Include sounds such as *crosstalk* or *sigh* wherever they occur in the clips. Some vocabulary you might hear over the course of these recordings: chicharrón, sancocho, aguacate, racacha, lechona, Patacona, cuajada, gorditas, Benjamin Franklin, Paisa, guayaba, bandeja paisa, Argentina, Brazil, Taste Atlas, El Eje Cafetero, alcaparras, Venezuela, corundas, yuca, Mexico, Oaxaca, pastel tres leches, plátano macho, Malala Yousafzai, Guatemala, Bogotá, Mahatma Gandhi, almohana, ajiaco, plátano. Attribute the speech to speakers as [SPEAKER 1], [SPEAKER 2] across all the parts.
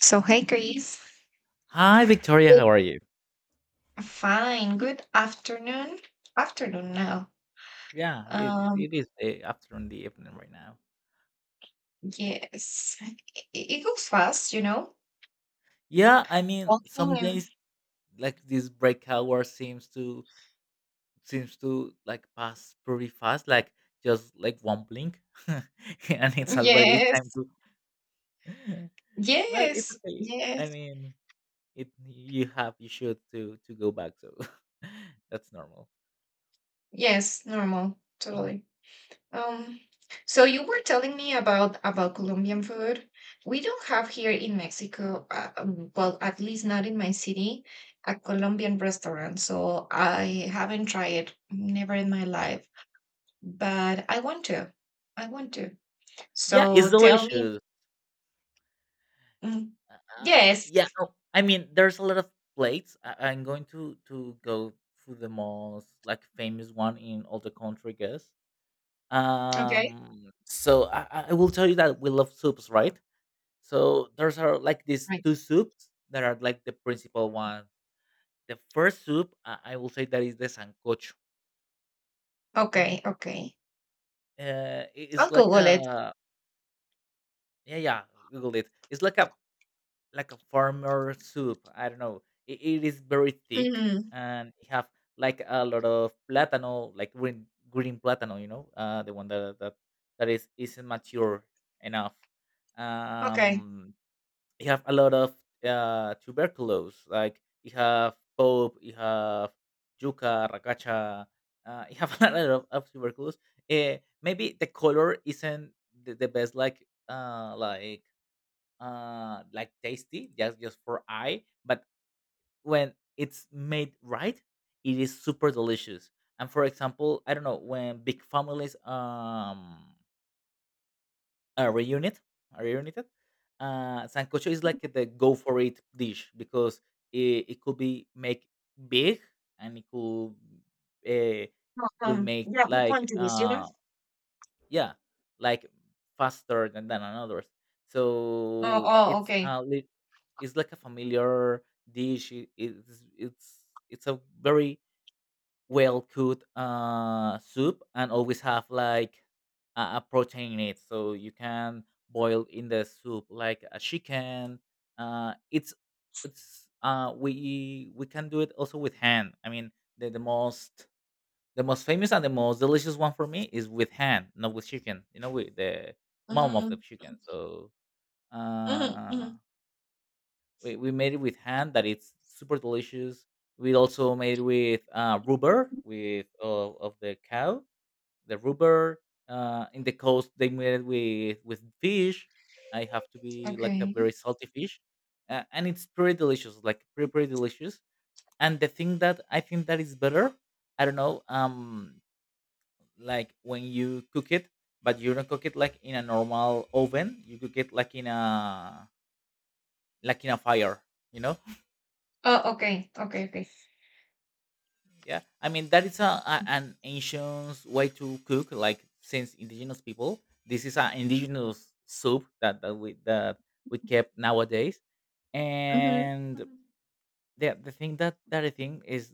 [SPEAKER 1] So, hey, Chris.
[SPEAKER 2] Hi, Victoria.
[SPEAKER 1] Good.
[SPEAKER 2] How are you?
[SPEAKER 1] Fine. Good afternoon. Afternoon now.
[SPEAKER 2] Yeah, you,
[SPEAKER 1] Um,
[SPEAKER 2] it is afternoon, the evening right now.
[SPEAKER 1] yes. It goes fast, you know.
[SPEAKER 2] Yeah, I mean,
[SPEAKER 1] Talking
[SPEAKER 2] some
[SPEAKER 1] and
[SPEAKER 2] days like this break hour seems to like pass pretty fast, like just like one blink, *laughs* and it's already time
[SPEAKER 1] yes,
[SPEAKER 2] to. *laughs* Well, it's
[SPEAKER 1] yes,
[SPEAKER 2] okay. I
[SPEAKER 1] yes,
[SPEAKER 2] mean, it you have you should to go back, so *laughs* that's normal.
[SPEAKER 1] yes. Normal.
[SPEAKER 2] Mhm.
[SPEAKER 1] Totally. Um. So you were telling me about Colombian food. We don't have here in Mexico, well, at least not in my city, a Colombian restaurant. So I haven't tried it, never in my life. But I want to. I want to.
[SPEAKER 2] Yeah,
[SPEAKER 1] So
[SPEAKER 2] it's
[SPEAKER 1] tell me
[SPEAKER 2] delicious.
[SPEAKER 1] mm,
[SPEAKER 2] Uh,
[SPEAKER 1] yes.
[SPEAKER 2] yeah, oh, I mean, there's a lot of plates. I'm going to go through the most like famous one in all the country, I guess.
[SPEAKER 1] Okay.
[SPEAKER 2] So I will tell you that we love soups, right? So there's are like these
[SPEAKER 1] Right.
[SPEAKER 2] two soups that are like the principal one. The first soup I will say that is the sancocho.
[SPEAKER 1] Okay, okay.
[SPEAKER 2] Uh, it's
[SPEAKER 1] I'll
[SPEAKER 2] like
[SPEAKER 1] Google it.
[SPEAKER 2] a yeah yeah Google it. It's like a farmer soup. I don't know. It is very thick
[SPEAKER 1] Mhm.
[SPEAKER 2] and it have like a lot of platano, like green platano, you know, the one that is isn't mature enough.
[SPEAKER 1] Okay.
[SPEAKER 2] Um, you have a lot of tuberculose, like you have pope, you have yuca, racacha. You have *laughs* a lot of tuberculose. Maybe the color isn't the best, like tasty just for eye, but when it's made right, it is super delicious. And for example, I don't know, when big families are reunited are reunited, sancocho is like the go for it dish, because it could be make big, and it could uh, will make
[SPEAKER 1] Yeah, I
[SPEAKER 2] like
[SPEAKER 1] want to this, you know?
[SPEAKER 2] yeah, like faster than others.
[SPEAKER 1] Oh,
[SPEAKER 2] So
[SPEAKER 1] oh,
[SPEAKER 2] it's
[SPEAKER 1] okay.
[SPEAKER 2] a it's like a familiar dish, it's a very well cooked soup, and always have like a protein in it, so you can boil in the soup like a chicken. Uh it's it's We can do it also with hand. I mean, the, the most the most famous and the most delicious one for me is with ham, not with chicken. You know, with the mom of the
[SPEAKER 1] Mm,
[SPEAKER 2] chicken.
[SPEAKER 1] mm,
[SPEAKER 2] So
[SPEAKER 1] mhm,
[SPEAKER 2] uh,
[SPEAKER 1] mhm.
[SPEAKER 2] we made it with ham, that it's super delicious. We also made with rubber with of the cow, the rubber. In the coast, they made it with fish. I have to be like a
[SPEAKER 1] Okay.
[SPEAKER 2] very salty fish, and it's pretty delicious, like pretty delicious. And the thing that I think that is better, I don't know. Like when you cook it, but you don't cook it like in a normal oven. You cook it like in a fire. You know?
[SPEAKER 1] Oh, okay. Okay, okay.
[SPEAKER 2] Yeah. I mean, that is a an ancient way to cook. Like, since indigenous people, this is an indigenous soup that we kept nowadays.
[SPEAKER 1] Mhm.
[SPEAKER 2] And
[SPEAKER 1] Mhm.
[SPEAKER 2] the thing that I think is,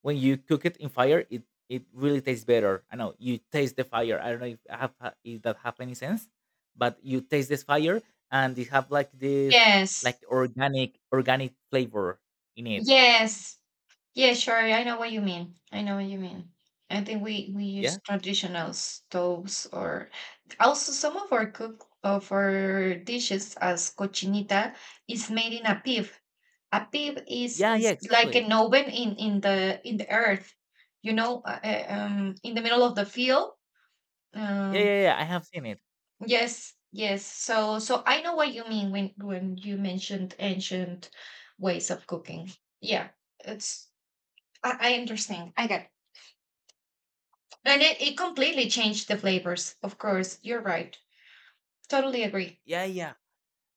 [SPEAKER 2] when you cook it in fire, it really tastes better. I know you taste the fire. I don't know if I if that have any sense, but you taste this fire, and it have like this
[SPEAKER 1] Yes.
[SPEAKER 2] like organic flavor in it.
[SPEAKER 1] Yes. Yeah, sure. I know what you mean. I know what you mean. I think we use
[SPEAKER 2] Yeah,
[SPEAKER 1] traditional stoves or also some of our cook of our dishes as cochinita is made in a pib. A pib is
[SPEAKER 2] yeah, yeah,
[SPEAKER 1] is like
[SPEAKER 2] exactly.
[SPEAKER 1] an oven in the earth, you know, in the middle of the field.
[SPEAKER 2] Yeah,
[SPEAKER 1] Um,
[SPEAKER 2] yeah, yeah. I have seen it.
[SPEAKER 1] yes, yes. So I know what you mean when you mentioned ancient ways of cooking. Yeah, it's I understand. I get it. And it completely changed the flavors, of course. You're right. Totally agree.
[SPEAKER 2] Yeah, yeah.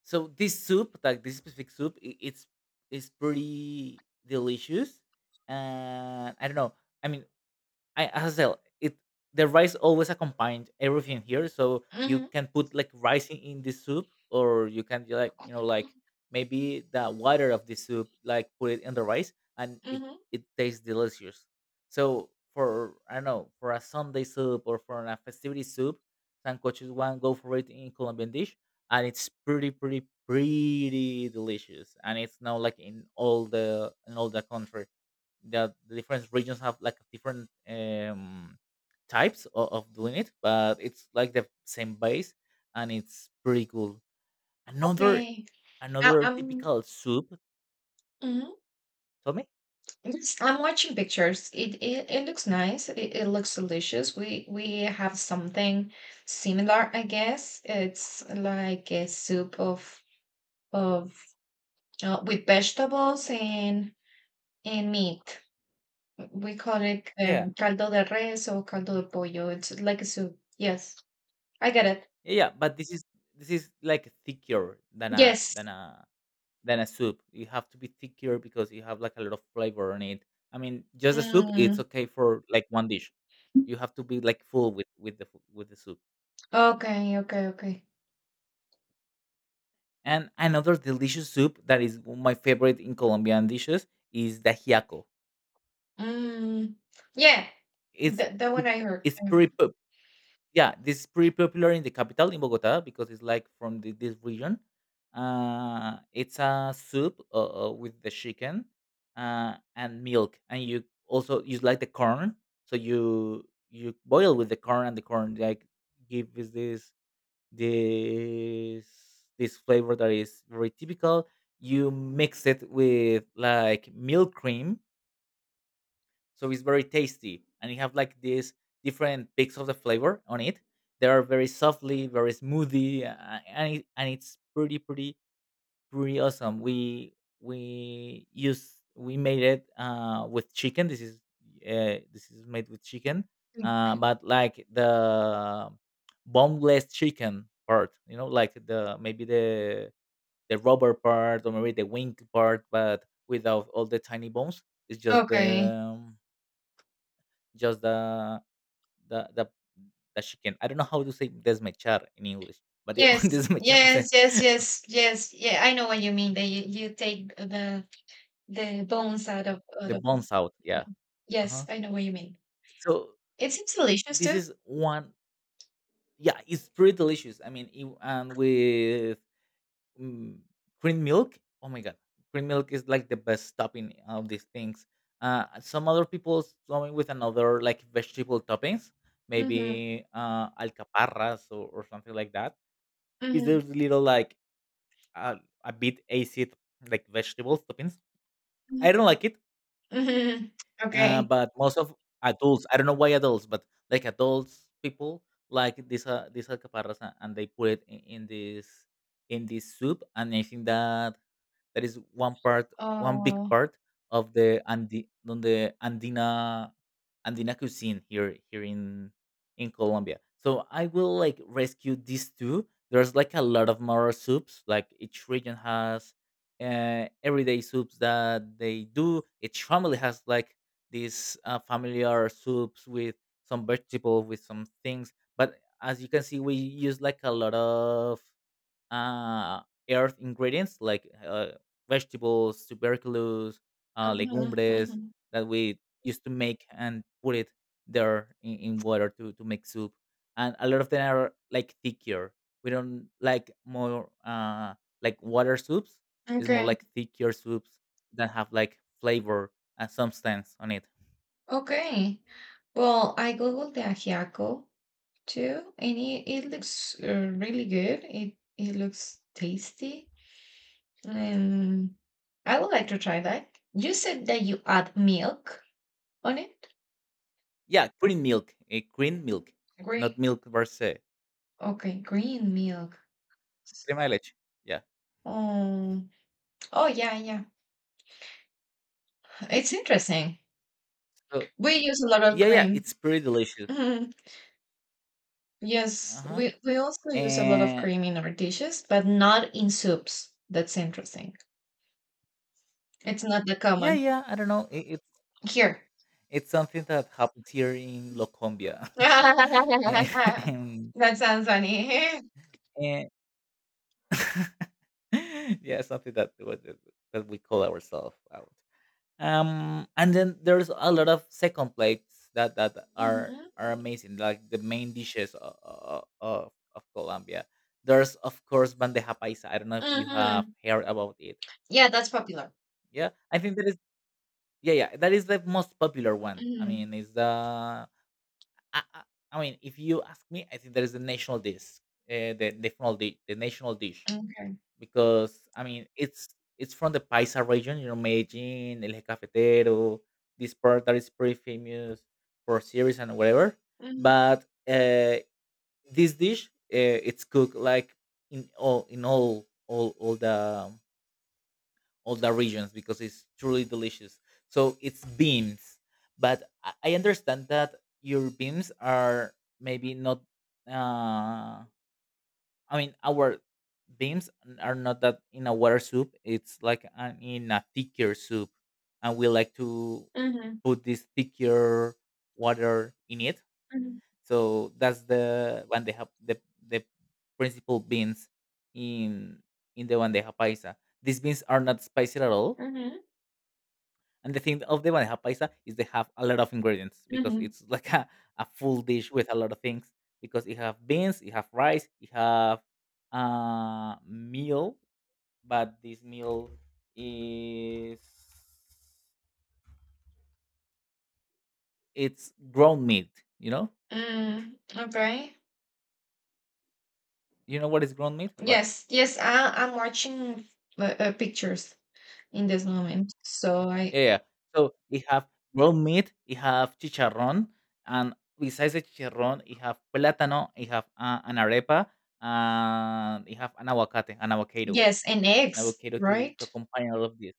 [SPEAKER 2] So this soup, like this specific soup, I it's pretty delicious. And I don't know. I mean, I as I tell it, the rice always accompanied everything here, so you
[SPEAKER 1] Hmm,
[SPEAKER 2] can put like rice in the soup, or you can do, like, you know, like maybe the water of the soup like put it in the rice, and it
[SPEAKER 1] hmm.
[SPEAKER 2] it tastes delicious. So for, I don't know, for a Sunday soup or for a festivity soup, sancocho is one go for it in Colombian dish, and it's pretty delicious, and it's now like in all the country, that the different regions have like different types of doing it, but it's like the same base, and it's pretty cool. Another
[SPEAKER 1] Okay. I,
[SPEAKER 2] another
[SPEAKER 1] I'm
[SPEAKER 2] typical soup.
[SPEAKER 1] mhm.
[SPEAKER 2] Tell me.
[SPEAKER 1] Yes, I'm watching pictures. It looks nice. It looks delicious. We have something similar, I guess. It's like a soup of of with vegetables and meat. We call it
[SPEAKER 2] Yeah,
[SPEAKER 1] caldo de res or caldo de pollo. It's like a soup. Yes, I get it.
[SPEAKER 2] yeah, yeah. But this is like thicker than a
[SPEAKER 1] Yes.
[SPEAKER 2] than a than a soup. You have to be thicker because you have like a lot of flavor on it. I mean, just the soup, it's
[SPEAKER 1] Mm.
[SPEAKER 2] okay for like one dish. You have to be like full with the with the soup.
[SPEAKER 1] Okay, okay, okay.
[SPEAKER 2] And another delicious soup that is my favorite in Colombian dishes is the ajiaco.
[SPEAKER 1] Mm. Yeah.
[SPEAKER 2] It's
[SPEAKER 1] That that one
[SPEAKER 2] it's
[SPEAKER 1] I heard.
[SPEAKER 2] it's
[SPEAKER 1] I heard.
[SPEAKER 2] pretty pop- yeah, this is pretty popular in the capital in Bogota because it's like from the, this region. It's a soup with the chicken and milk, and you also use like the corn. So you boil with the corn, and the corn like gives this this this flavor that is very typical. You mix it with like milk cream, so it's very tasty, and you have like these different peaks of the flavor on it. They are very softly, very smoothie, and it, and it's pretty awesome. We used we made it with chicken. This is made with chicken,
[SPEAKER 1] Mhm.
[SPEAKER 2] but like the boneless chicken part, you know, like the maybe the rubber part, or maybe the wing part, but without all the tiny bones. It's
[SPEAKER 1] Okay.
[SPEAKER 2] just the the the the chicken. I don't know how to say desmechar in English, but yeah,
[SPEAKER 1] Yes.
[SPEAKER 2] *laughs* desmechamos el,
[SPEAKER 1] Yes, yes, yes, yes. Yeah, I know what you mean. That you take the bones out of out
[SPEAKER 2] the
[SPEAKER 1] of
[SPEAKER 2] bones out. Yeah. Uh
[SPEAKER 1] Yes,
[SPEAKER 2] huh.
[SPEAKER 1] I know what you mean.
[SPEAKER 2] So
[SPEAKER 1] It seems delicious
[SPEAKER 2] this
[SPEAKER 1] too.
[SPEAKER 2] is one yeah it's pretty delicious, I mean it, and with mm, green milk, oh my god, green milk is like the best topping of these things. Some other people going with another like vegetable toppings,
[SPEAKER 1] Mm-hmm.
[SPEAKER 2] maybe alcaparras or something like that, is
[SPEAKER 1] Mm-hmm.
[SPEAKER 2] those little like uh, a bit acid, like vegetable toppings.
[SPEAKER 1] Mm-hmm.
[SPEAKER 2] I don't like it.
[SPEAKER 1] Mm-hmm. Okay.
[SPEAKER 2] But most of adults, I don't know why adults, but like adults people like this this alcaparras, and they put it in this soup, and I think that that is one part, one big
[SPEAKER 1] Oh.
[SPEAKER 2] part of the Andi, on the Andina cuisine here in Colombia. So I will like rescue these two. There's like a lot of more soups. Like each region has everyday soups that they do. Each family has like these familiar soups with some vegetable with some things. But as you can see, we use like a lot of uh, earth ingredients, like vegetables, tuberculous,
[SPEAKER 1] Mm-hmm.
[SPEAKER 2] legumbres
[SPEAKER 1] Mm-hmm.
[SPEAKER 2] that we used to make and put it there in water to make soup. And a lot of them are like thicker. We don't like more like water soups. It's more
[SPEAKER 1] Okay.
[SPEAKER 2] like thicker soups that have like flavor and substance on it.
[SPEAKER 1] Okay. Well, I googled the ajiaco too, and it looks really good. It looks tasty, and I would like to try that. You said that you add milk on it.
[SPEAKER 2] Yeah, green milk, a green milk, not
[SPEAKER 1] Green.
[SPEAKER 2] milk per se.
[SPEAKER 1] Okay, green milk.
[SPEAKER 2] Crema de leche. Yeah.
[SPEAKER 1] Oh, oh yeah, yeah. It's interesting.
[SPEAKER 2] So
[SPEAKER 1] We use a lot of
[SPEAKER 2] yeah, yeah,
[SPEAKER 1] cream.
[SPEAKER 2] it's pretty delicious.
[SPEAKER 1] Mhm.
[SPEAKER 2] Uh
[SPEAKER 1] Yes,
[SPEAKER 2] huh.
[SPEAKER 1] we also use a lot of
[SPEAKER 2] And
[SPEAKER 1] cream in our dishes, but not in soups. That's interesting. It's not that
[SPEAKER 2] yeah,
[SPEAKER 1] common
[SPEAKER 2] yeah, I don't know, it,
[SPEAKER 1] here.
[SPEAKER 2] it's something that happens here in locombia. *laughs* And,
[SPEAKER 1] *laughs*
[SPEAKER 2] and
[SPEAKER 1] That sounds funny. *laughs*
[SPEAKER 2] and *laughs* yeah, something that was that we call ourselves out. Um, and then there's a lot of second plates that that
[SPEAKER 1] Mhm,
[SPEAKER 2] are amazing, like the main dishes of colombia. There's of course bandeja paisa, I don't know if you have
[SPEAKER 1] mhm.
[SPEAKER 2] heard about it.
[SPEAKER 1] Yeah, that's popular.
[SPEAKER 2] Yeah, I think that is, yeah, yeah, that is the most popular one, I
[SPEAKER 1] Mhm,
[SPEAKER 2] mean it's the I, I, I mean, if you ask me, I think there is a national dish, the national dish, the national dish,
[SPEAKER 1] okay.
[SPEAKER 2] because I mean, it's from the Paisa region, you know, Medellin, El Eje Cafetero, this part that is pretty famous for series and whatever.
[SPEAKER 1] Mhm,
[SPEAKER 2] But this dish, it's cooked like in all the regions because it's truly delicious. So it's beans, but I understand that your beans are maybe not. Uh, I mean, our beans are not that in a water soup. It's like an, in a thicker soup, and we like to
[SPEAKER 1] mhm,
[SPEAKER 2] put this thicker water in it.
[SPEAKER 1] mhm,
[SPEAKER 2] So that's the one they have the principal beans in in the bandeja paisa. These beans are not spicy at all,
[SPEAKER 1] mhm,
[SPEAKER 2] and the thing of the bandeja paisa is they have a lot of ingredients, because
[SPEAKER 1] mhm,
[SPEAKER 2] it's *laughs* like a full dish with a lot of things, because you have beans, you have rice, you have meal, but this meal is it's ground meat, you know?
[SPEAKER 1] mm, okay.
[SPEAKER 2] You know what is ground meat? Right.
[SPEAKER 1] Yes, yes, I'm watching pictures in this moment. So I
[SPEAKER 2] Yeah. Yeah. So you have ground meat, you have chicharrón, and besides the chicharrón, you have plátano, you have an arepa, and you have an aguacate, an avocado,
[SPEAKER 1] yes, and
[SPEAKER 2] an
[SPEAKER 1] eggs,
[SPEAKER 2] avocado to
[SPEAKER 1] right?
[SPEAKER 2] accompany all of this,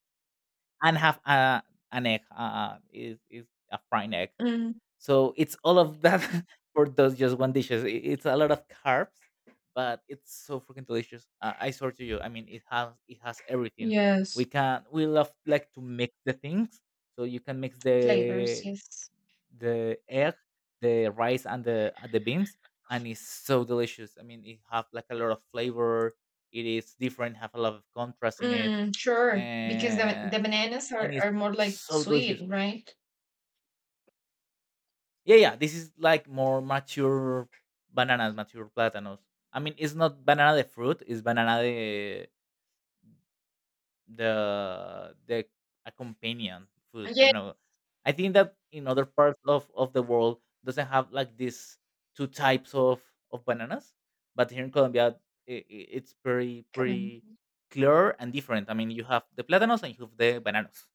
[SPEAKER 2] and have a an egg. Is a fried egg.
[SPEAKER 1] Mm,
[SPEAKER 2] So it's all of that *laughs* for those just one dishes. I- It's a lot of carbs, but it's so freaking delicious. I swear to you. I mean, it has everything. We
[SPEAKER 1] yes,
[SPEAKER 2] can we love like to mix the things, so you can mix
[SPEAKER 1] flavors,
[SPEAKER 2] the
[SPEAKER 1] yes.
[SPEAKER 2] the egg, the rice, and the beans, and it's so delicious. I mean, it have like a lot of flavor. It is different, have a lot of contrast in it,
[SPEAKER 1] Mm, sure, because
[SPEAKER 2] and
[SPEAKER 1] the bananas
[SPEAKER 2] and it's
[SPEAKER 1] are more like
[SPEAKER 2] so delicious.
[SPEAKER 1] sweet, right?
[SPEAKER 2] Yeah, yeah. This is like more mature bananas, mature plátanos. I mean, it's not banana the fruit; it's banana the accompanying food. I
[SPEAKER 1] Yeah,
[SPEAKER 2] don't know. I think that in other parts of the world doesn't have like these two types of bananas, but here in Colombia it's pretty
[SPEAKER 1] come
[SPEAKER 2] pretty clear and different. I mean, you have the plátanos and you have the bananas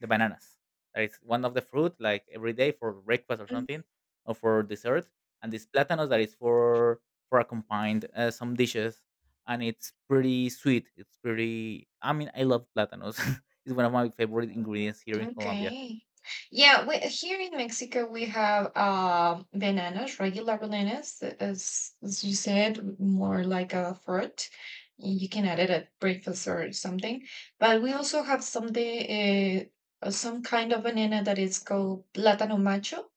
[SPEAKER 2] the bananas. That is one of the fruit like every day for breakfast or
[SPEAKER 1] on.
[SPEAKER 2] something, or for dessert. And this platanos that is for accompanied some dishes, and it's pretty sweet. It's pretty. I mean, I love platanos. *laughs* It's one of my favorite ingredients here in Colombia.
[SPEAKER 1] Okay. Yeah, we here in Mexico we have bananas, regular bananas, as you said, more like a fruit. You can add it at breakfast or something. But we also have something, eh, some kind of banana that is called plátano macho,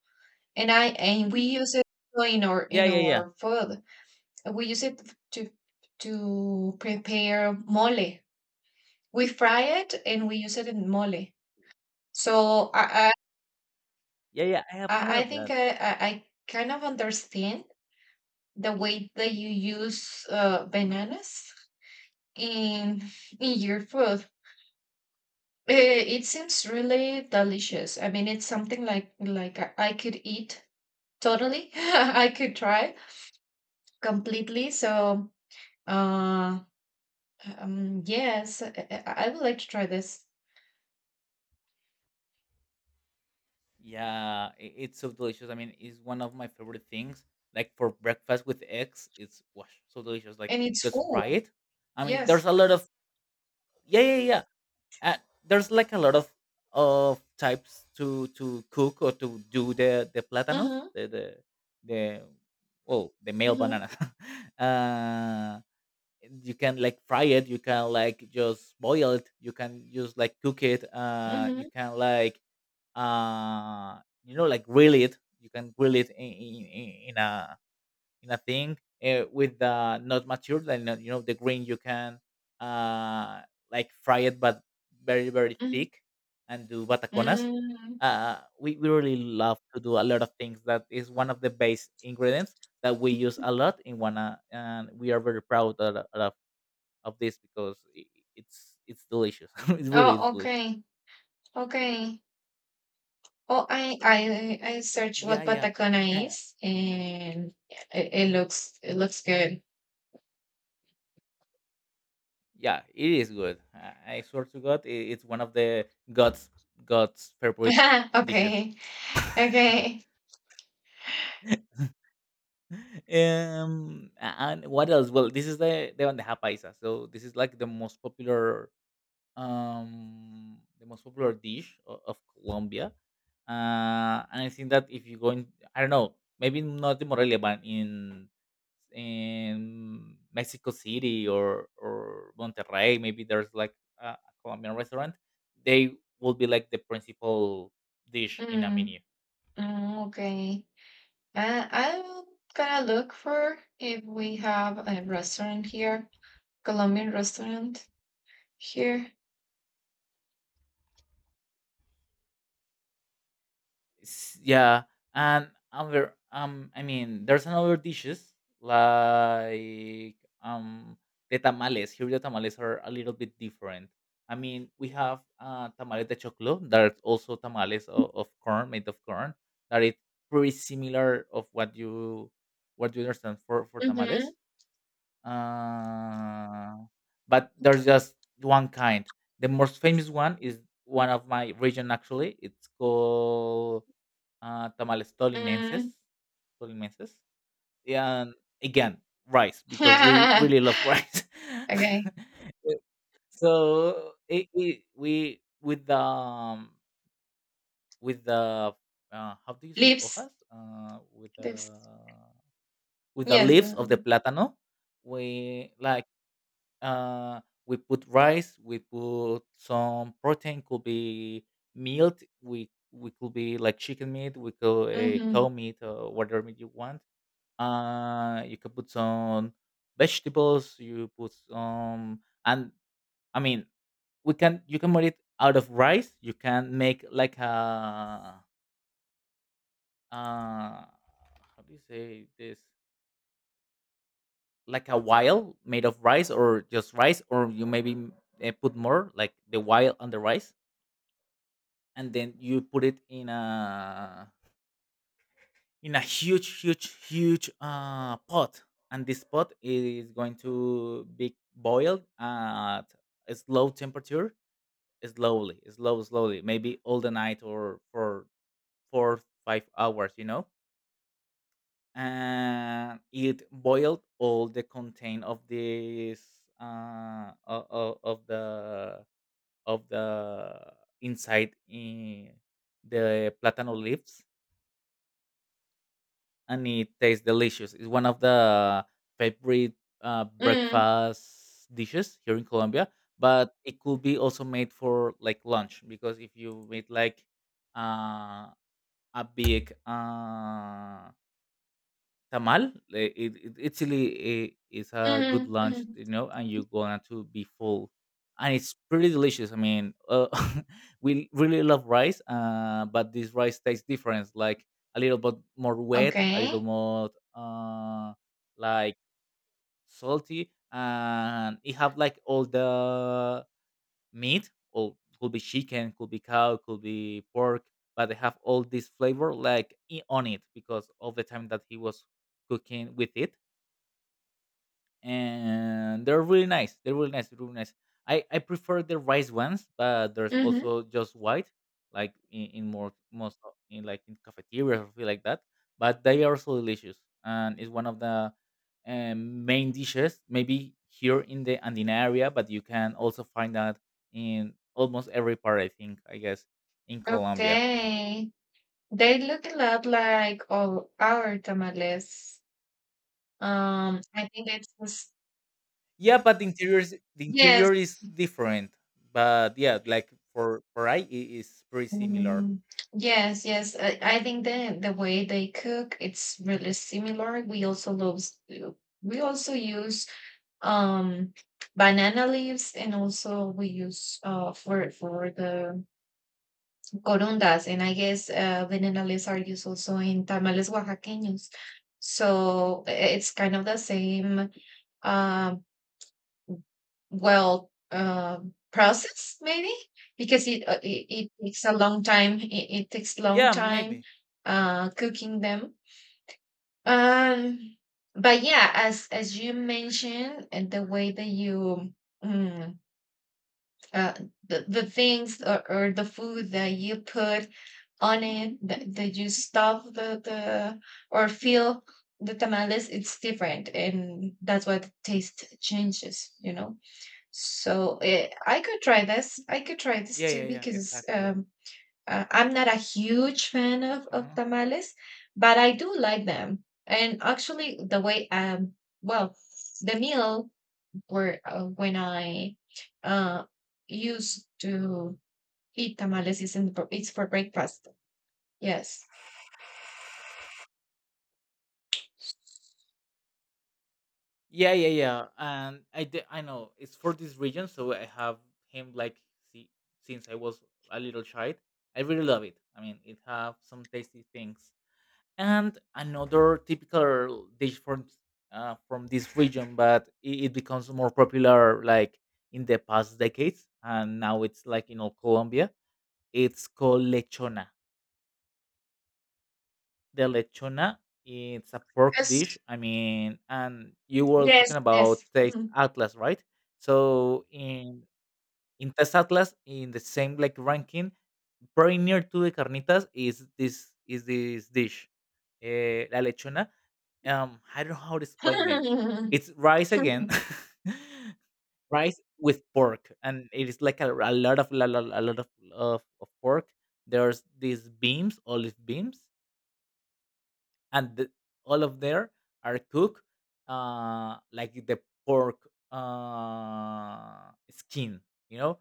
[SPEAKER 1] and I and we use it
[SPEAKER 2] Yeah,
[SPEAKER 1] in
[SPEAKER 2] yeah, yeah,
[SPEAKER 1] our food. We use it to prepare mole. We fry it and we use it in mole. So
[SPEAKER 2] yeah, yeah, I have heard
[SPEAKER 1] I
[SPEAKER 2] of
[SPEAKER 1] think
[SPEAKER 2] that.
[SPEAKER 1] I kind of understand the way that you use bananas in in your food. It seems really delicious. I mean, it's something like I could eat totally. *laughs* I could try completely. So, uh, yes, I would like to try this,
[SPEAKER 2] Yeah, it's so delicious. I mean, it's one of my favorite things. Like for breakfast with eggs, it's wash so delicious. Like
[SPEAKER 1] and it's
[SPEAKER 2] just
[SPEAKER 1] full.
[SPEAKER 2] fry it. I mean,
[SPEAKER 1] Yes.
[SPEAKER 2] there's a lot of, yeah, yeah, yeah, uh, there's like a lot of types to cook or to do the platanos
[SPEAKER 1] Mm-hmm.
[SPEAKER 2] the well, the male
[SPEAKER 1] Mm-hmm.
[SPEAKER 2] banana. *laughs* uh you can like fry it, you can like just boil it, you can just like cook it, you
[SPEAKER 1] Mm-hmm.
[SPEAKER 2] can like, uh like grill it. You can grill it in a in a thing, with the not mature, like, you know, the green, you can uh like fry it, but very very
[SPEAKER 1] Mm-hmm.
[SPEAKER 2] thick, and do bataconas.
[SPEAKER 1] Mm.
[SPEAKER 2] We really love to do a lot of things. That is one of the base ingredients that we use a lot in wana, and we are very proud of this, because it's delicious. *laughs* It really is
[SPEAKER 1] Oh,
[SPEAKER 2] delicious.
[SPEAKER 1] okay. Okay. Oh, I searched
[SPEAKER 2] Yeah,
[SPEAKER 1] what
[SPEAKER 2] yeah.
[SPEAKER 1] Patacona
[SPEAKER 2] Uh,
[SPEAKER 1] is, and it looks good.
[SPEAKER 2] yeah, it is good. I, I swear to god. I It's one of the god's god's favorite
[SPEAKER 1] *laughs*
[SPEAKER 2] dishes.
[SPEAKER 1] Okay, okay,
[SPEAKER 2] *laughs* um and what else? Well, this is the bandeja paisa, so this is like the most popular, the most popular dish of Colombia. And I think that if you go in, I don't know, maybe not in Morelia, but in Mexico City or Monterrey, maybe there's like a Colombian restaurant. They will be like the principal dish in a
[SPEAKER 1] mm,
[SPEAKER 2] menu.
[SPEAKER 1] mm, okay. I'm gonna look for if we have a restaurant here, Colombian restaurant here.
[SPEAKER 2] Yeah. And other, I mean, there's another dishes, like, um the tamales here, the tamales are a little bit different. I mean, we have tamales de choclo, that are also tamales of corn, made of corn, that is pretty similar of what you understand for
[SPEAKER 1] Mm-hmm.
[SPEAKER 2] tamales. Uh but there's just one kind. The most famous one is one of my region, actually. It's called tamales tolimenses,
[SPEAKER 1] Mm.
[SPEAKER 2] tolimenses, and again rice, because we really love
[SPEAKER 1] *laughs*
[SPEAKER 2] rice. *laughs*
[SPEAKER 1] Okay,
[SPEAKER 2] Uh, so, we, with the how do you say
[SPEAKER 1] lips,
[SPEAKER 2] hojas,
[SPEAKER 1] lips.
[SPEAKER 2] with the
[SPEAKER 1] Yes.
[SPEAKER 2] leaves of
[SPEAKER 1] Mm-hmm.
[SPEAKER 2] the plátano, we like, uh, we put rice, we put some protein, could be meat, we could be like chicken meat, we could, cow meat, or whatever meat you want. You could put some vegetables, you put some, and, I mean, we can you can make it out of rice, you can make like a, how do you say this, like a wile made of rice or just rice, or you maybe, put more like the wile on the rice, and then you put it in a huge huge huge, pot, and this pot is going to be boiled at a slow temperature, slowly, slowly, maybe all the night or for 4 5 hours, you know, and it boiled all the content of this, of the inside in the platano leaves, and it tastes delicious. It's one of the favorite,
[SPEAKER 1] Mm-hmm.
[SPEAKER 2] breakfast dishes here in Colombia. But it could be also made for like lunch, because if you make like, uh, a big, tamal. It's really a, it's a good
[SPEAKER 1] Mm-hmm.
[SPEAKER 2] lunch,
[SPEAKER 1] Mm-hmm.
[SPEAKER 2] you know, and you're gonna to be full, and it's pretty delicious. I mean, *laughs* we really love rice, but this rice tastes different, like a little bit more wet, a little
[SPEAKER 1] Okay.
[SPEAKER 2] more, like salty, and it have like all the meat, or could be chicken, could be cow, could be pork, but they have all this flavor, like, on it, because of the time that he was cooking with it, and they're really nice. They're really nice. They're really nice. I prefer the rice ones, but there's
[SPEAKER 1] Mm-hmm.
[SPEAKER 2] also just white, like in in, like, in cafeterias or something like that. But they are so delicious, and it's one of the, main dishes. Maybe here in the Andina area, but you can also find that in almost every part, I think, I guess, in Colombia.
[SPEAKER 1] Okay. They look a lot like all our tamales. I think it's just,
[SPEAKER 2] Yeah, but the interior is, the interior
[SPEAKER 1] yes,
[SPEAKER 2] is different. But yeah, like for I, it is pretty similar.
[SPEAKER 1] mm, yes, yes. I think the way they cook, it's really similar. We also love, we also use um banana leaves, and also we use for the corundas, and I guess banana leaves are used also in tamales oaxaqueños. So it's kind of the same um well process maybe because it takes a long time it takes long
[SPEAKER 2] Yeah,
[SPEAKER 1] time
[SPEAKER 2] maybe.
[SPEAKER 1] cooking them um but yeah as you mentioned and the way that you mm, uh, the things or the food that you put on it that, that you stuff the or fill the tamales it's different and that's why the taste changes, you know, so I could try this. I could try this
[SPEAKER 2] Yeah,
[SPEAKER 1] too
[SPEAKER 2] yeah, yeah,
[SPEAKER 1] because
[SPEAKER 2] exactly.
[SPEAKER 1] I'm not a huge fan of
[SPEAKER 2] Uh-huh.
[SPEAKER 1] tamales, but I do like them. And actually, the way well, the meal where when I uh used to eat tamales is in the, it's for breakfast. Yes.
[SPEAKER 2] Yeah, yeah, yeah. And I know it's for this region, so I have him like see, since I was a little child. I really love it. I mean, it have some tasty things. And another typical dish from, from this region, but it becomes more popular, like, in the past decades, and now it's like in all Colombia. It's called lechona. The lechona. It's a pork
[SPEAKER 1] Yes.
[SPEAKER 2] dish. I mean, and you were
[SPEAKER 1] Yes.
[SPEAKER 2] talking about
[SPEAKER 1] Yes.
[SPEAKER 2] Taste
[SPEAKER 1] Mhm.
[SPEAKER 2] Atlas, right? So in Taste Atlas, in the same like ranking, very near to the carnitas is this dish, la lechona. I don't know how to explain it. It's
[SPEAKER 1] *laughs*
[SPEAKER 2] rice again, *laughs* rice with pork, and it is like a lot of a lot of pork. There's these beams, olive beams, and the, all of there are cooked, like the pork, skin. You know,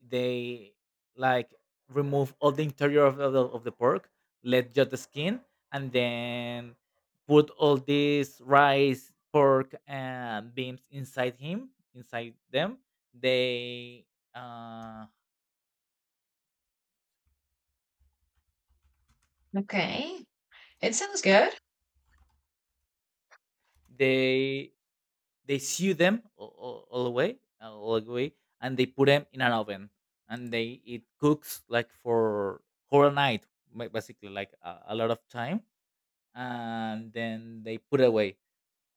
[SPEAKER 2] they like remove all the interior of the pork, let just the skin, and then put all this rice, pork, and beans inside him, inside them. They uh,
[SPEAKER 1] Okay. It sounds good.
[SPEAKER 2] they they sew them all the way, and they put them in an oven, and they it cooks like for whole night, basically like a lot of time, and then they put away.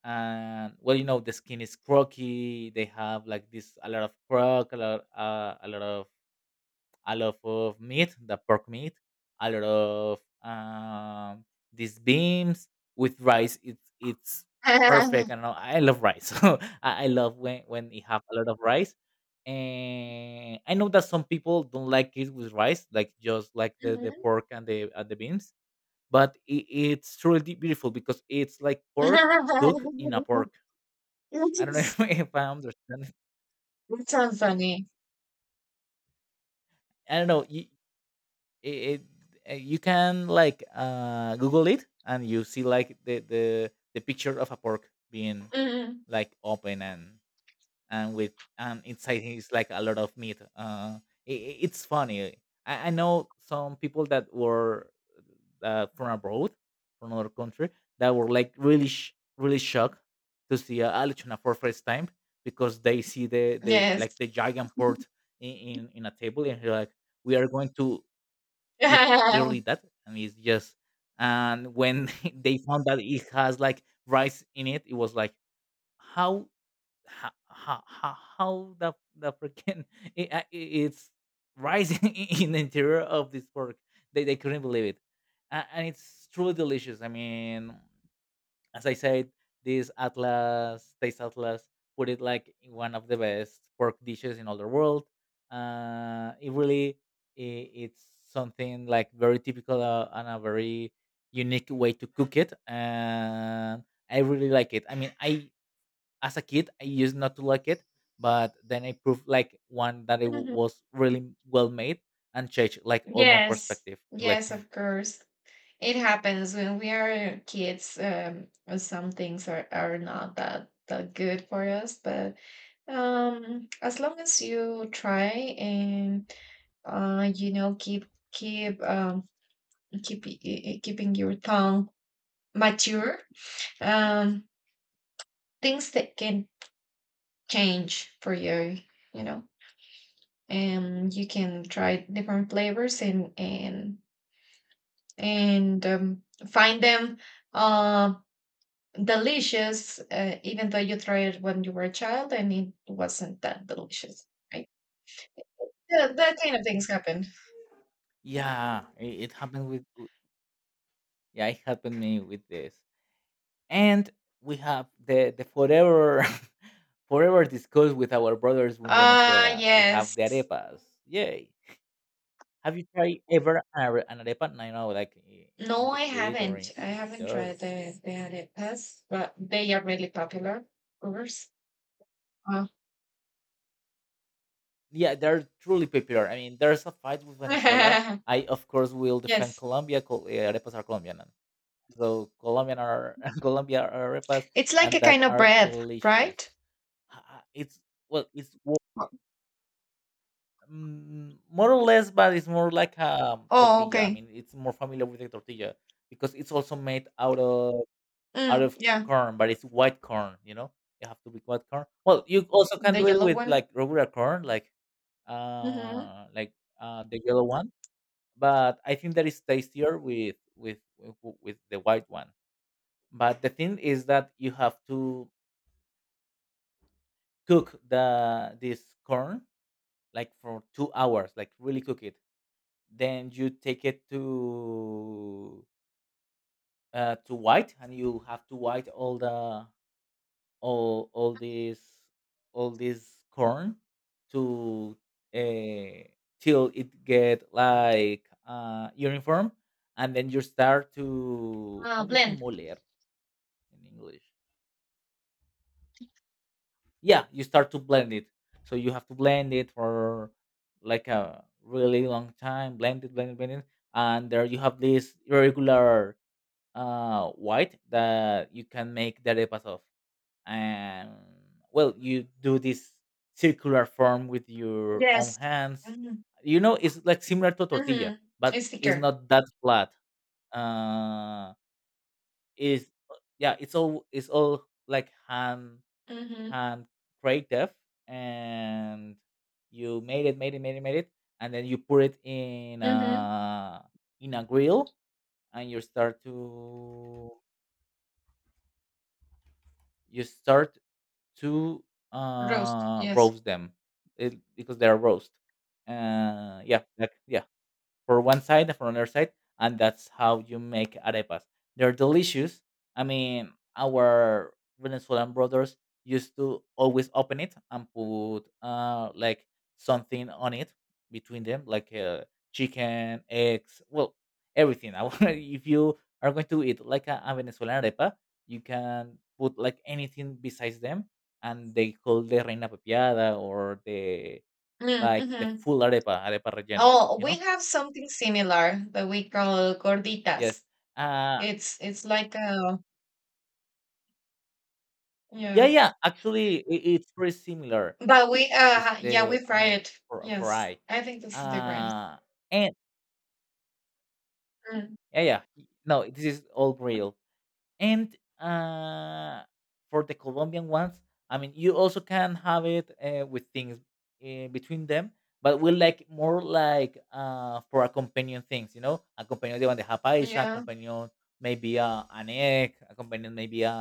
[SPEAKER 2] And well, you know, the skin is croaky. They have like this a lot of crock, a lot of meat, the pork meat, a lot of, these beans with rice. It's perfect. I don't
[SPEAKER 1] *laughs*
[SPEAKER 2] know, I love rice, *laughs* so I love when you have a lot of rice. And I know that some people don't like it with rice, like just like the pork and the beans. But it's truly beautiful, because it's like pork cooked in a
[SPEAKER 1] Mhm.
[SPEAKER 2] pork.
[SPEAKER 1] *laughs*
[SPEAKER 2] I don't know
[SPEAKER 1] Yes.
[SPEAKER 2] *laughs* if, I understand.
[SPEAKER 1] That sounds funny.
[SPEAKER 2] I don't know. It, it you can like google it, and you see like the picture of a pork being
[SPEAKER 1] Mhm.
[SPEAKER 2] like open, and with and inside is like a lot of meat. It's funny. I know some people that were, from abroad, from another country, that were like really, really shocked to see a aluchuna for first time, because they see the,
[SPEAKER 1] Yes.
[SPEAKER 2] like the giant port in a table, and they're like, we are going to, it literally
[SPEAKER 1] *laughs*
[SPEAKER 2] that. I mean, it's just, and when *laughs* they found that it has like rice in it, it was like, how how how, how the freaking *laughs* it's rice *laughs* in the interior of this pork. They couldn't believe it, and it's truly delicious. I mean, as I said, this Atlas, Taste Atlas, put it like in one of the best pork dishes in all the world. It really, it's something like very typical, and a very unique way to cook it. And I really like it. I mean, as a kid, I used not to like it, but then I proved like one that it
[SPEAKER 1] Mhm.
[SPEAKER 2] was really well made, and changed like all my
[SPEAKER 1] Yes.
[SPEAKER 2] perspective in life.
[SPEAKER 1] Yes,
[SPEAKER 2] *laughs*
[SPEAKER 1] of course. It happens when we are kids. Some things are not that that good for us, but as long as you try and you know, keep keep um keeping your tongue mature, um, things that can change for you. You know. And you can try different flavors and and um, find them uh, delicious, even though you tried it when you were a child and it wasn't that delicious, right? That, that kind of things happen.
[SPEAKER 2] Yeah, it, happened with, yeah, it happened me with this. And we have the forever *laughs* forever discussed with our brothers in Venezuela. We have
[SPEAKER 1] Yes.
[SPEAKER 2] the arepas. Yay! Have you tried ever an arepa? I know, in
[SPEAKER 1] No,
[SPEAKER 2] the
[SPEAKER 1] I
[SPEAKER 2] street or
[SPEAKER 1] haven't. I
[SPEAKER 2] in
[SPEAKER 1] haven't
[SPEAKER 2] there.
[SPEAKER 1] tried the arepas, but they are really popular, of course. Uh,
[SPEAKER 2] Yeah, they're truly popular. I mean, there's a fight with Venezuela.
[SPEAKER 1] *laughs*
[SPEAKER 2] I of course will defend
[SPEAKER 1] yes,
[SPEAKER 2] Colombia. Arepas are Colombian, and so Colombian are *laughs* Colombia are arepas,
[SPEAKER 1] it's like
[SPEAKER 2] and
[SPEAKER 1] a
[SPEAKER 2] that
[SPEAKER 1] kind of
[SPEAKER 2] are
[SPEAKER 1] bread,
[SPEAKER 2] delicious.
[SPEAKER 1] right?
[SPEAKER 2] It's well, it's more or less, but it's more like a
[SPEAKER 1] Oh,
[SPEAKER 2] tortilla. I
[SPEAKER 1] okay.
[SPEAKER 2] mean, it's more familiar with the tortilla because it's also made out of out
[SPEAKER 1] Mm,
[SPEAKER 2] of
[SPEAKER 1] yeah.
[SPEAKER 2] corn, but it's white corn. You know, you have to be white corn. Well, you also can
[SPEAKER 1] The
[SPEAKER 2] do it
[SPEAKER 1] yellow
[SPEAKER 2] with
[SPEAKER 1] one?
[SPEAKER 2] like regular corn, like
[SPEAKER 1] Mhm.
[SPEAKER 2] uh, like uh, the yellow one. But I think that is tastier with with the white one. But the thing is that you have to cook the this corn like for 2 hours, like really cook it, then you take it to white, and you have to white all the all all this all this corn to uh, till it get like uniform. And then you start to, how do you say
[SPEAKER 1] Blend.
[SPEAKER 2] moler in English? Yeah, you start to blend it, so you have to blend it for like a really long time. Blend it, and there you have this irregular white that you can make the arepas of. And well, you do this circular form with your own
[SPEAKER 1] Yes.
[SPEAKER 2] hands.
[SPEAKER 1] Mhm.
[SPEAKER 2] You know, it's like similar to tortilla,
[SPEAKER 1] Mhm.
[SPEAKER 2] but
[SPEAKER 1] It's
[SPEAKER 2] it's
[SPEAKER 1] thicker.
[SPEAKER 2] not that flat. Uh, is Yeah, it's all like hand,
[SPEAKER 1] Mhm.
[SPEAKER 2] hand creative, and you made it, and then you put it in
[SPEAKER 1] Mhm.
[SPEAKER 2] a grill, and you start to you start to
[SPEAKER 1] Roast.
[SPEAKER 2] uh
[SPEAKER 1] Yes.
[SPEAKER 2] roast them, because they are roast. Yeah, for one side and for another side, and that's how you make arepas. They're delicious. I mean, our Venezuelan brothers used to always open it and put like something on it between them, like chicken, eggs, well, everything. *laughs* If you are going to eat like a Venezuelan arepa, you can put like anything besides them, and they call the reina pepiada or the
[SPEAKER 1] Mm,
[SPEAKER 2] like the
[SPEAKER 1] mhm.
[SPEAKER 2] full arepa rellena.
[SPEAKER 1] Oh,
[SPEAKER 2] You
[SPEAKER 1] we
[SPEAKER 2] know.
[SPEAKER 1] have something similar that we call gorditas.
[SPEAKER 2] Yes. Uh,
[SPEAKER 1] It's like a
[SPEAKER 2] yeah,
[SPEAKER 1] Yeah.
[SPEAKER 2] yeah. Actually, I it's pretty similar.
[SPEAKER 1] but we
[SPEAKER 2] This
[SPEAKER 1] yeah, we
[SPEAKER 2] the I
[SPEAKER 1] fry
[SPEAKER 2] mean
[SPEAKER 1] it.
[SPEAKER 2] for
[SPEAKER 1] Yes.
[SPEAKER 2] I,
[SPEAKER 1] I think this is different.
[SPEAKER 2] uh, and
[SPEAKER 1] Mm.
[SPEAKER 2] Yeah, yeah. No, this is all real. And for the Colombian ones, I mean, you also can have it with things between them, but we like more like for accompanying things. You know, accompanying the bandeja paisa,
[SPEAKER 1] Yeah.
[SPEAKER 2] accompanying maybe an egg, accompanying maybe a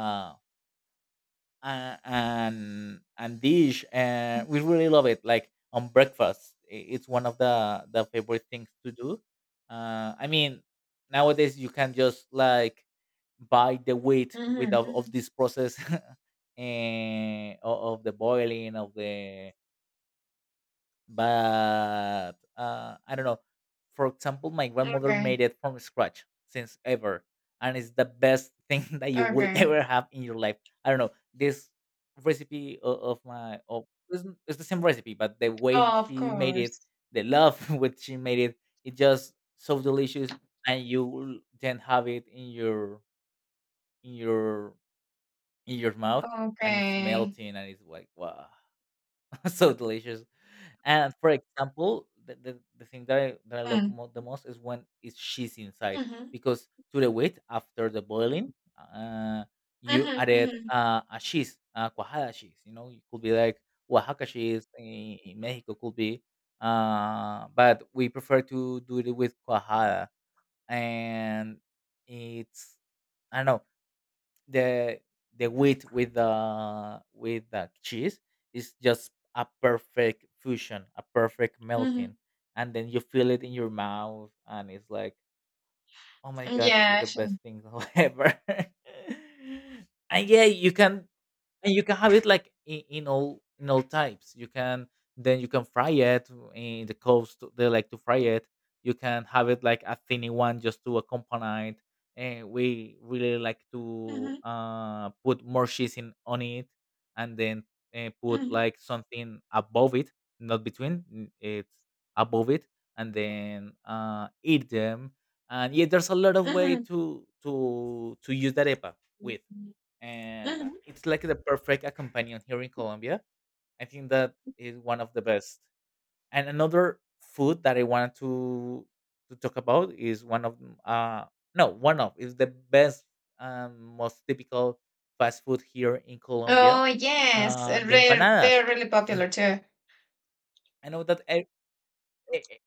[SPEAKER 2] and dish. We really love it. Like on breakfast, it's one of the favorite things to do. I mean, nowadays you can just like buy the wheat
[SPEAKER 1] Mhm.
[SPEAKER 2] without of
[SPEAKER 1] Mhm.
[SPEAKER 2] this process *laughs* of the boiling of the. But I don't know. For example, my grandmother
[SPEAKER 1] Okay.
[SPEAKER 2] made it from scratch since ever, and it's the best thing *laughs* that you will
[SPEAKER 1] Okay.
[SPEAKER 2] ever have in your life. I don't know this recipe of, it's the same recipe, but the way
[SPEAKER 1] Oh, of
[SPEAKER 2] she made it,
[SPEAKER 1] course.
[SPEAKER 2] the love *laughs* which she made it, it just so delicious, and you will then have it in your in your in your mouth, and it's
[SPEAKER 1] Okay.
[SPEAKER 2] melting, and it's like wow, *laughs* so delicious. And for example, the thing that I love
[SPEAKER 1] Mm.
[SPEAKER 2] the most is when is she's inside,
[SPEAKER 1] Mhm.
[SPEAKER 2] because to the wheat after the boiling, uh, you
[SPEAKER 1] Mhm.
[SPEAKER 2] added
[SPEAKER 1] Mhm.
[SPEAKER 2] a cheese, cuajada cheese. You know, it could be like Oaxaca cheese in Mexico, could be, but we prefer to do it with cuajada, and it's I don't know the the wheat with the cheese is just a perfect fusion, a perfect melting, and then you feel it in your mouth, and it's like, oh my
[SPEAKER 1] Mhm.
[SPEAKER 2] god, this is
[SPEAKER 1] Yeah,
[SPEAKER 2] the best thing *laughs* ever. And yeah, you can, and you can have it like in all types. You can then you can fry it. In the coast they like to fry it. You can have it like a thinny one just to accompany it, and we really like to
[SPEAKER 1] Mhm,
[SPEAKER 2] put more cheese in on it, and then put
[SPEAKER 1] mhm,
[SPEAKER 2] like something above it, not between n- it's above it, and then eat them. And yeah, there's a lot of way
[SPEAKER 1] mhm.
[SPEAKER 2] to to use that arepa with, and
[SPEAKER 1] Mhm.
[SPEAKER 2] it's like the perfect accompanion here in Colombia. I think that is one of the best. And another food that I wanted to talk about is one of m- no one of is the best most typical fast food here in Colombia,
[SPEAKER 1] Oh yes,
[SPEAKER 2] the empanadas.
[SPEAKER 1] they're really popular too.
[SPEAKER 2] *laughs* I know that e-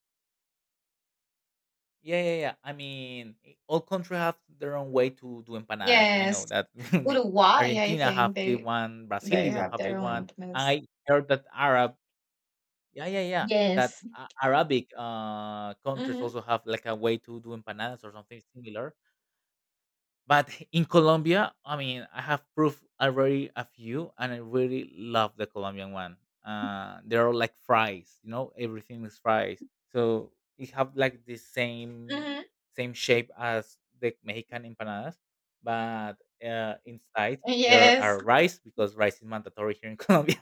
[SPEAKER 2] yeah, yeah, yeah. I mean, all countries have their own way to do empanadas. I
[SPEAKER 1] Yes,
[SPEAKER 2] know that *laughs*
[SPEAKER 1] Uruguay, I
[SPEAKER 2] Argentina
[SPEAKER 1] think
[SPEAKER 2] have the one, Brazil
[SPEAKER 1] they
[SPEAKER 2] even
[SPEAKER 1] have
[SPEAKER 2] have the
[SPEAKER 1] their
[SPEAKER 2] one.
[SPEAKER 1] own place.
[SPEAKER 2] I heard that
[SPEAKER 1] Yes,
[SPEAKER 2] Arabic countries
[SPEAKER 1] Mhm,
[SPEAKER 2] also have like a way to do empanadas or something similar. But in Colombia, I mean, I have proved already a few, and I really love the Colombian one. They're like fries, you know, everything is fries. So it have like the same
[SPEAKER 1] mhm.
[SPEAKER 2] same shape as the Mexican empanadas, but inside there
[SPEAKER 1] yes.
[SPEAKER 2] are rice because rice is mandatory here in *laughs* Colombia.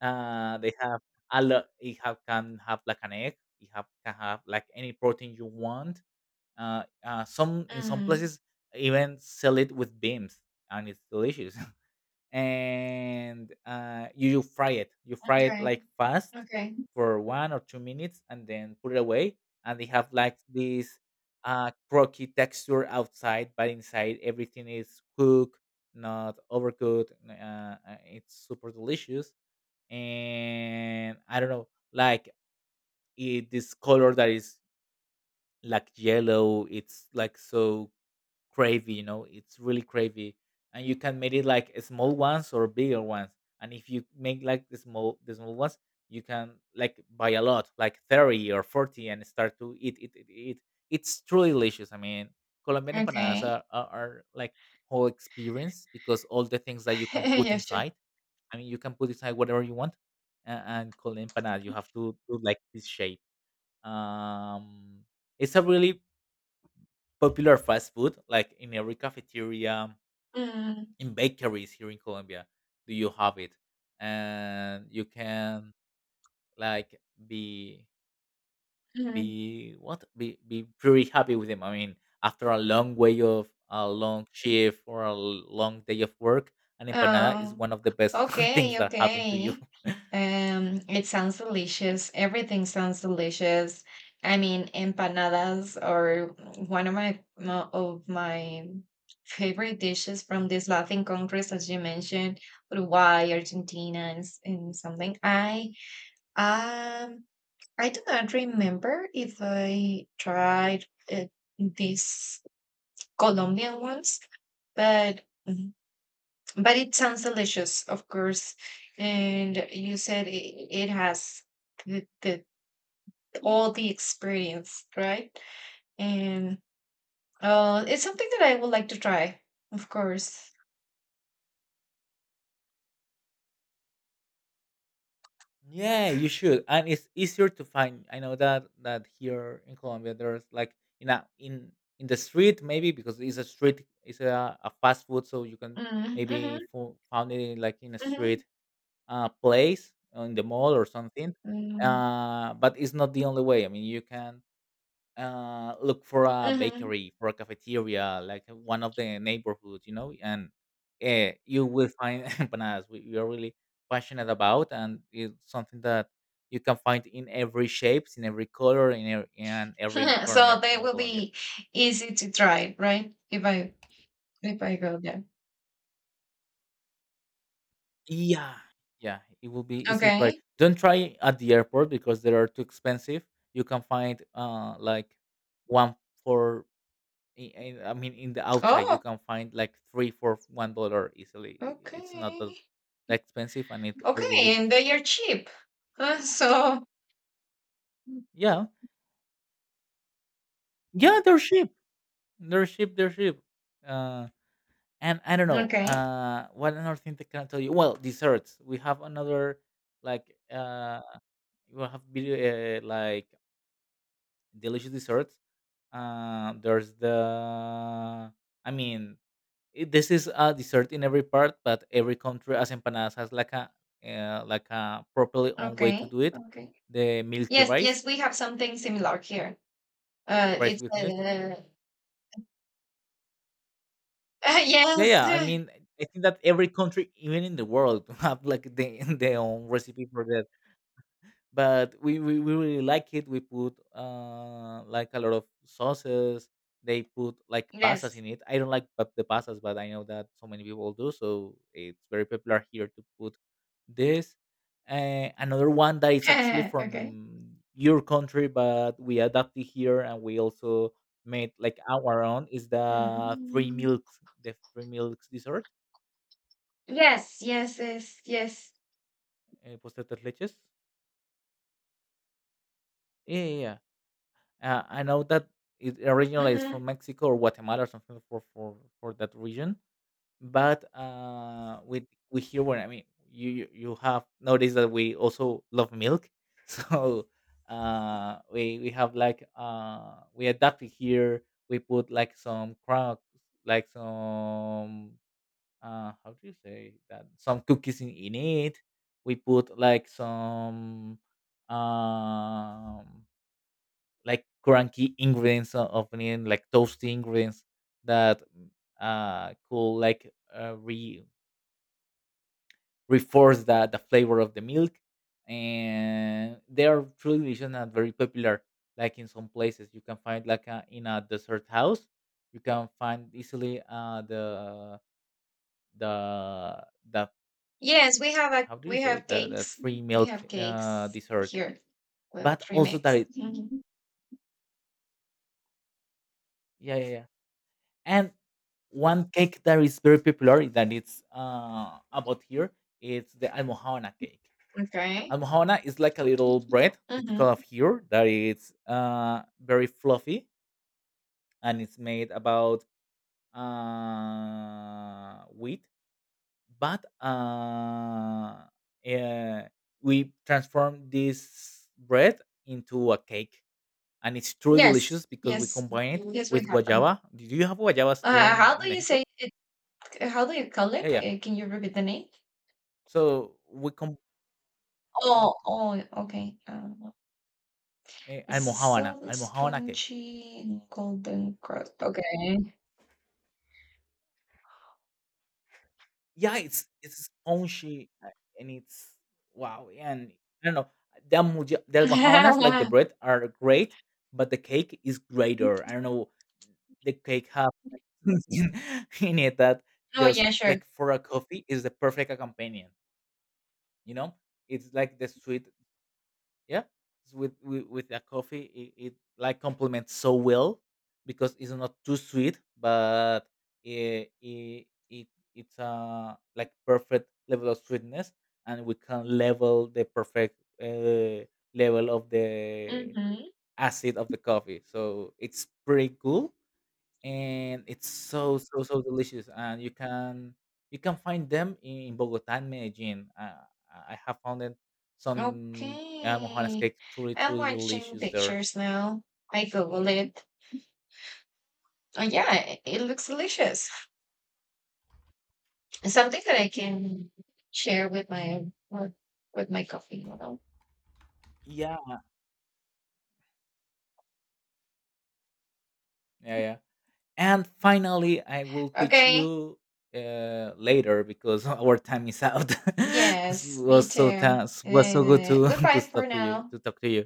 [SPEAKER 2] Uh, they have a lot. It have can have like an egg. It have can have like any protein you want. Some in some
[SPEAKER 1] Mm.
[SPEAKER 2] places even sell it with beans, and it's delicious. *laughs* And you fry it, you fry it
[SPEAKER 1] Okay,
[SPEAKER 2] like fast
[SPEAKER 1] okay,
[SPEAKER 2] for 1 or 2 minutes and then put it away, and they have like this crocky texture outside, but inside everything is cooked, not overcooked. It's super delicious, and I don't know, like it, this color that is like yellow, it's like so cravey, you know, it's really cravey. And you can make it like small ones or bigger ones, and if you make like the small ones, you can like buy a lot like 30 or 40 and start to it. It's truly delicious. I mean, Colombian empanadas
[SPEAKER 1] okay.
[SPEAKER 2] are like whole experience, because all the things that you
[SPEAKER 1] *laughs*
[SPEAKER 2] can put
[SPEAKER 1] yeah, sure.
[SPEAKER 2] inside, I mean, you can put inside whatever you want. And Colombian empanada you have to do like this shape. Um, it's a really popular fast food, like in every cafeteria,
[SPEAKER 1] Mm,
[SPEAKER 2] in bakeries here in Colombia, do you have it? And you can like be
[SPEAKER 1] mhm.
[SPEAKER 2] be what be pretty happy with them. I mean, after a long way of a long shift or a long day of work, an empanada is
[SPEAKER 1] Oh,
[SPEAKER 2] one of the best *laughs* things
[SPEAKER 1] okay,
[SPEAKER 2] that happen to you.
[SPEAKER 1] okay.
[SPEAKER 2] *laughs*
[SPEAKER 1] It sounds delicious. Everything sounds delicious. I mean, empanadas are one of my favorite dishes from these Latin countries, as you mentioned, Uruguay, Argentina, and, and something. Um I do not remember if I tried uh, these Colombian ones, but but it sounds delicious, of course. And you said it, it has the all the experience, right? And it's something that I would like to try, of course.
[SPEAKER 2] Yeah, you should, and it's easier to find. I know that that here in Colombia, there's like, you know, in the street, maybe because it's a street, it's a fast food, so you can
[SPEAKER 1] Mm,
[SPEAKER 2] maybe
[SPEAKER 1] hmm
[SPEAKER 2] found it in, like in a
[SPEAKER 1] hmm
[SPEAKER 2] street place in the mall or something.
[SPEAKER 1] mm,
[SPEAKER 2] But it's not the only way. I mean, you can look for a
[SPEAKER 1] hmm
[SPEAKER 2] bakery, for a cafeteria, like one of the neighborhoods, you know, and you will find *laughs* empanadas. We are really passionate about, and it's something that you can find in every shapes, in every color, in every
[SPEAKER 1] *laughs* so
[SPEAKER 2] corner
[SPEAKER 1] they
[SPEAKER 2] here in
[SPEAKER 1] will
[SPEAKER 2] Colombia.
[SPEAKER 1] be easy to try, right? If I go there.
[SPEAKER 2] Yeah, yeah, it will be easy to try.
[SPEAKER 1] Okay.
[SPEAKER 2] Don't try at the airport because they are too expensive. You can find like one for I mean, in the outside, you
[SPEAKER 1] Oh,
[SPEAKER 2] can find like three for $1 easily. It's not
[SPEAKER 1] okay.
[SPEAKER 2] that expensive, and it are
[SPEAKER 1] Okay, and
[SPEAKER 2] delicious.
[SPEAKER 1] they are cheap. *laughs* So
[SPEAKER 2] Yeah, yeah, they're cheap. They're cheap. They're cheap. Uh, and I don't know.
[SPEAKER 1] okay,
[SPEAKER 2] What another thing that can I tell you? Well, desserts. We have another like we have video like delicious desserts. There's the. I mean, this is a dessert in every part, but every country as empanadas has like a properly own way to
[SPEAKER 1] okay,
[SPEAKER 2] do it.
[SPEAKER 1] okay.
[SPEAKER 2] The milky
[SPEAKER 1] Yes,
[SPEAKER 2] rice,
[SPEAKER 1] yes, we have something similar here.
[SPEAKER 2] rice
[SPEAKER 1] It's
[SPEAKER 2] with milk. Yeah,
[SPEAKER 1] *laughs*
[SPEAKER 2] yeah. I
[SPEAKER 1] yes,
[SPEAKER 2] mean, I think that every country, even in the world, *laughs* have like the *laughs* their own recipe for that. But we really like it. We put like a lot of sauces. They put
[SPEAKER 1] *laughs*
[SPEAKER 2] like pastas
[SPEAKER 1] yes.
[SPEAKER 2] in it. I don't like the pastas, but I know that so many people do. So it's very popular here to put this. Another one that is actually
[SPEAKER 1] *laughs* Okay.
[SPEAKER 2] from your country, but we adapted here and we also made like our own is
[SPEAKER 1] Mm.
[SPEAKER 2] the three milks dessert,
[SPEAKER 1] Yes, yes, yes, yes.
[SPEAKER 2] pastel tres leches. Yeah, yeah. I know that it originally is
[SPEAKER 1] Hmm.
[SPEAKER 2] from Mexico or Guatemala or something for that region. But with we here, where, I mean, you have noticed that we also love milk, *laughs* so we have like we adapted here. We put like some crunch, like some how do you say that? Some cookies in it. We put like some um like cranky ingredients of onion, like toasty ingredients that could like re reinforce the flavor of the milk. And they are truly delicious and very popular. Like in some places, you can find like a, in a dessert house, you can find easily the the
[SPEAKER 1] Yes, we have a
[SPEAKER 2] how do you
[SPEAKER 1] we
[SPEAKER 2] say,
[SPEAKER 1] have
[SPEAKER 2] the
[SPEAKER 1] cakes.
[SPEAKER 2] free
[SPEAKER 1] We
[SPEAKER 2] milk
[SPEAKER 1] have cakes
[SPEAKER 2] dessert,
[SPEAKER 1] here. Well,
[SPEAKER 2] but
[SPEAKER 1] three
[SPEAKER 2] also that
[SPEAKER 1] mix.
[SPEAKER 2] it,
[SPEAKER 1] Mhm.
[SPEAKER 2] yeah, yeah, yeah. And one cake that is very popular that it's about here, it's the almohana cake.
[SPEAKER 1] Okay.
[SPEAKER 2] Almohana is like a little bread typical
[SPEAKER 1] Hmm.
[SPEAKER 2] of here that is very fluffy, and it's made about wheat, but uh, we transform this bread into a cake, and it's truly
[SPEAKER 1] Yes,
[SPEAKER 2] delicious because we
[SPEAKER 1] yes,
[SPEAKER 2] combine it
[SPEAKER 1] yes. We
[SPEAKER 2] with
[SPEAKER 1] have them.
[SPEAKER 2] guayaba. Do you have guayabas there
[SPEAKER 1] How
[SPEAKER 2] in
[SPEAKER 1] do you
[SPEAKER 2] Mexico?
[SPEAKER 1] say it? How do you call
[SPEAKER 2] Yeah,
[SPEAKER 1] it?
[SPEAKER 2] yeah,
[SPEAKER 1] Can you repeat the name?
[SPEAKER 2] so we combine.
[SPEAKER 1] Oh, oh, okay. This is
[SPEAKER 2] Almojábana,
[SPEAKER 1] so
[SPEAKER 2] Almojábana cake.
[SPEAKER 1] spongy golden crust. Okay.
[SPEAKER 2] Yeah, it's spongy, and it's wow, and I don't know, the almojábanas, like the
[SPEAKER 1] *laughs*
[SPEAKER 2] bread, are great, but the cake is greater. I don't know, the cake have *laughs* something in it that
[SPEAKER 1] Oh,
[SPEAKER 2] just
[SPEAKER 1] yeah, sure.
[SPEAKER 2] like for a coffee is the perfect accompaniment, you know? It's like the sweet, yeah, with a coffee it like complements so well, because it's not too sweet, but it it's a like perfect level of sweetness, and we can level the perfect level of the
[SPEAKER 1] Mm-hmm.
[SPEAKER 2] acid of the coffee, so it's pretty cool, and it's so, so, so delicious, and you can find them in Bogota and Medellin. I have found it some mojanas
[SPEAKER 1] Okay.
[SPEAKER 2] cake truly,
[SPEAKER 1] I'm
[SPEAKER 2] truly
[SPEAKER 1] watching
[SPEAKER 2] delicious there.
[SPEAKER 1] pictures now. I Google it. Oh, yeah, it looks delicious. Something that I can share with my coffee, you know.
[SPEAKER 2] Yeah. Yeah, yeah. And finally, I will teach
[SPEAKER 1] Okay.
[SPEAKER 2] you later because *laughs* our time is out. *laughs* This
[SPEAKER 1] Yes, me
[SPEAKER 2] was so
[SPEAKER 1] too.
[SPEAKER 2] good to *laughs*
[SPEAKER 1] Goodbye for now.
[SPEAKER 2] to talk to you.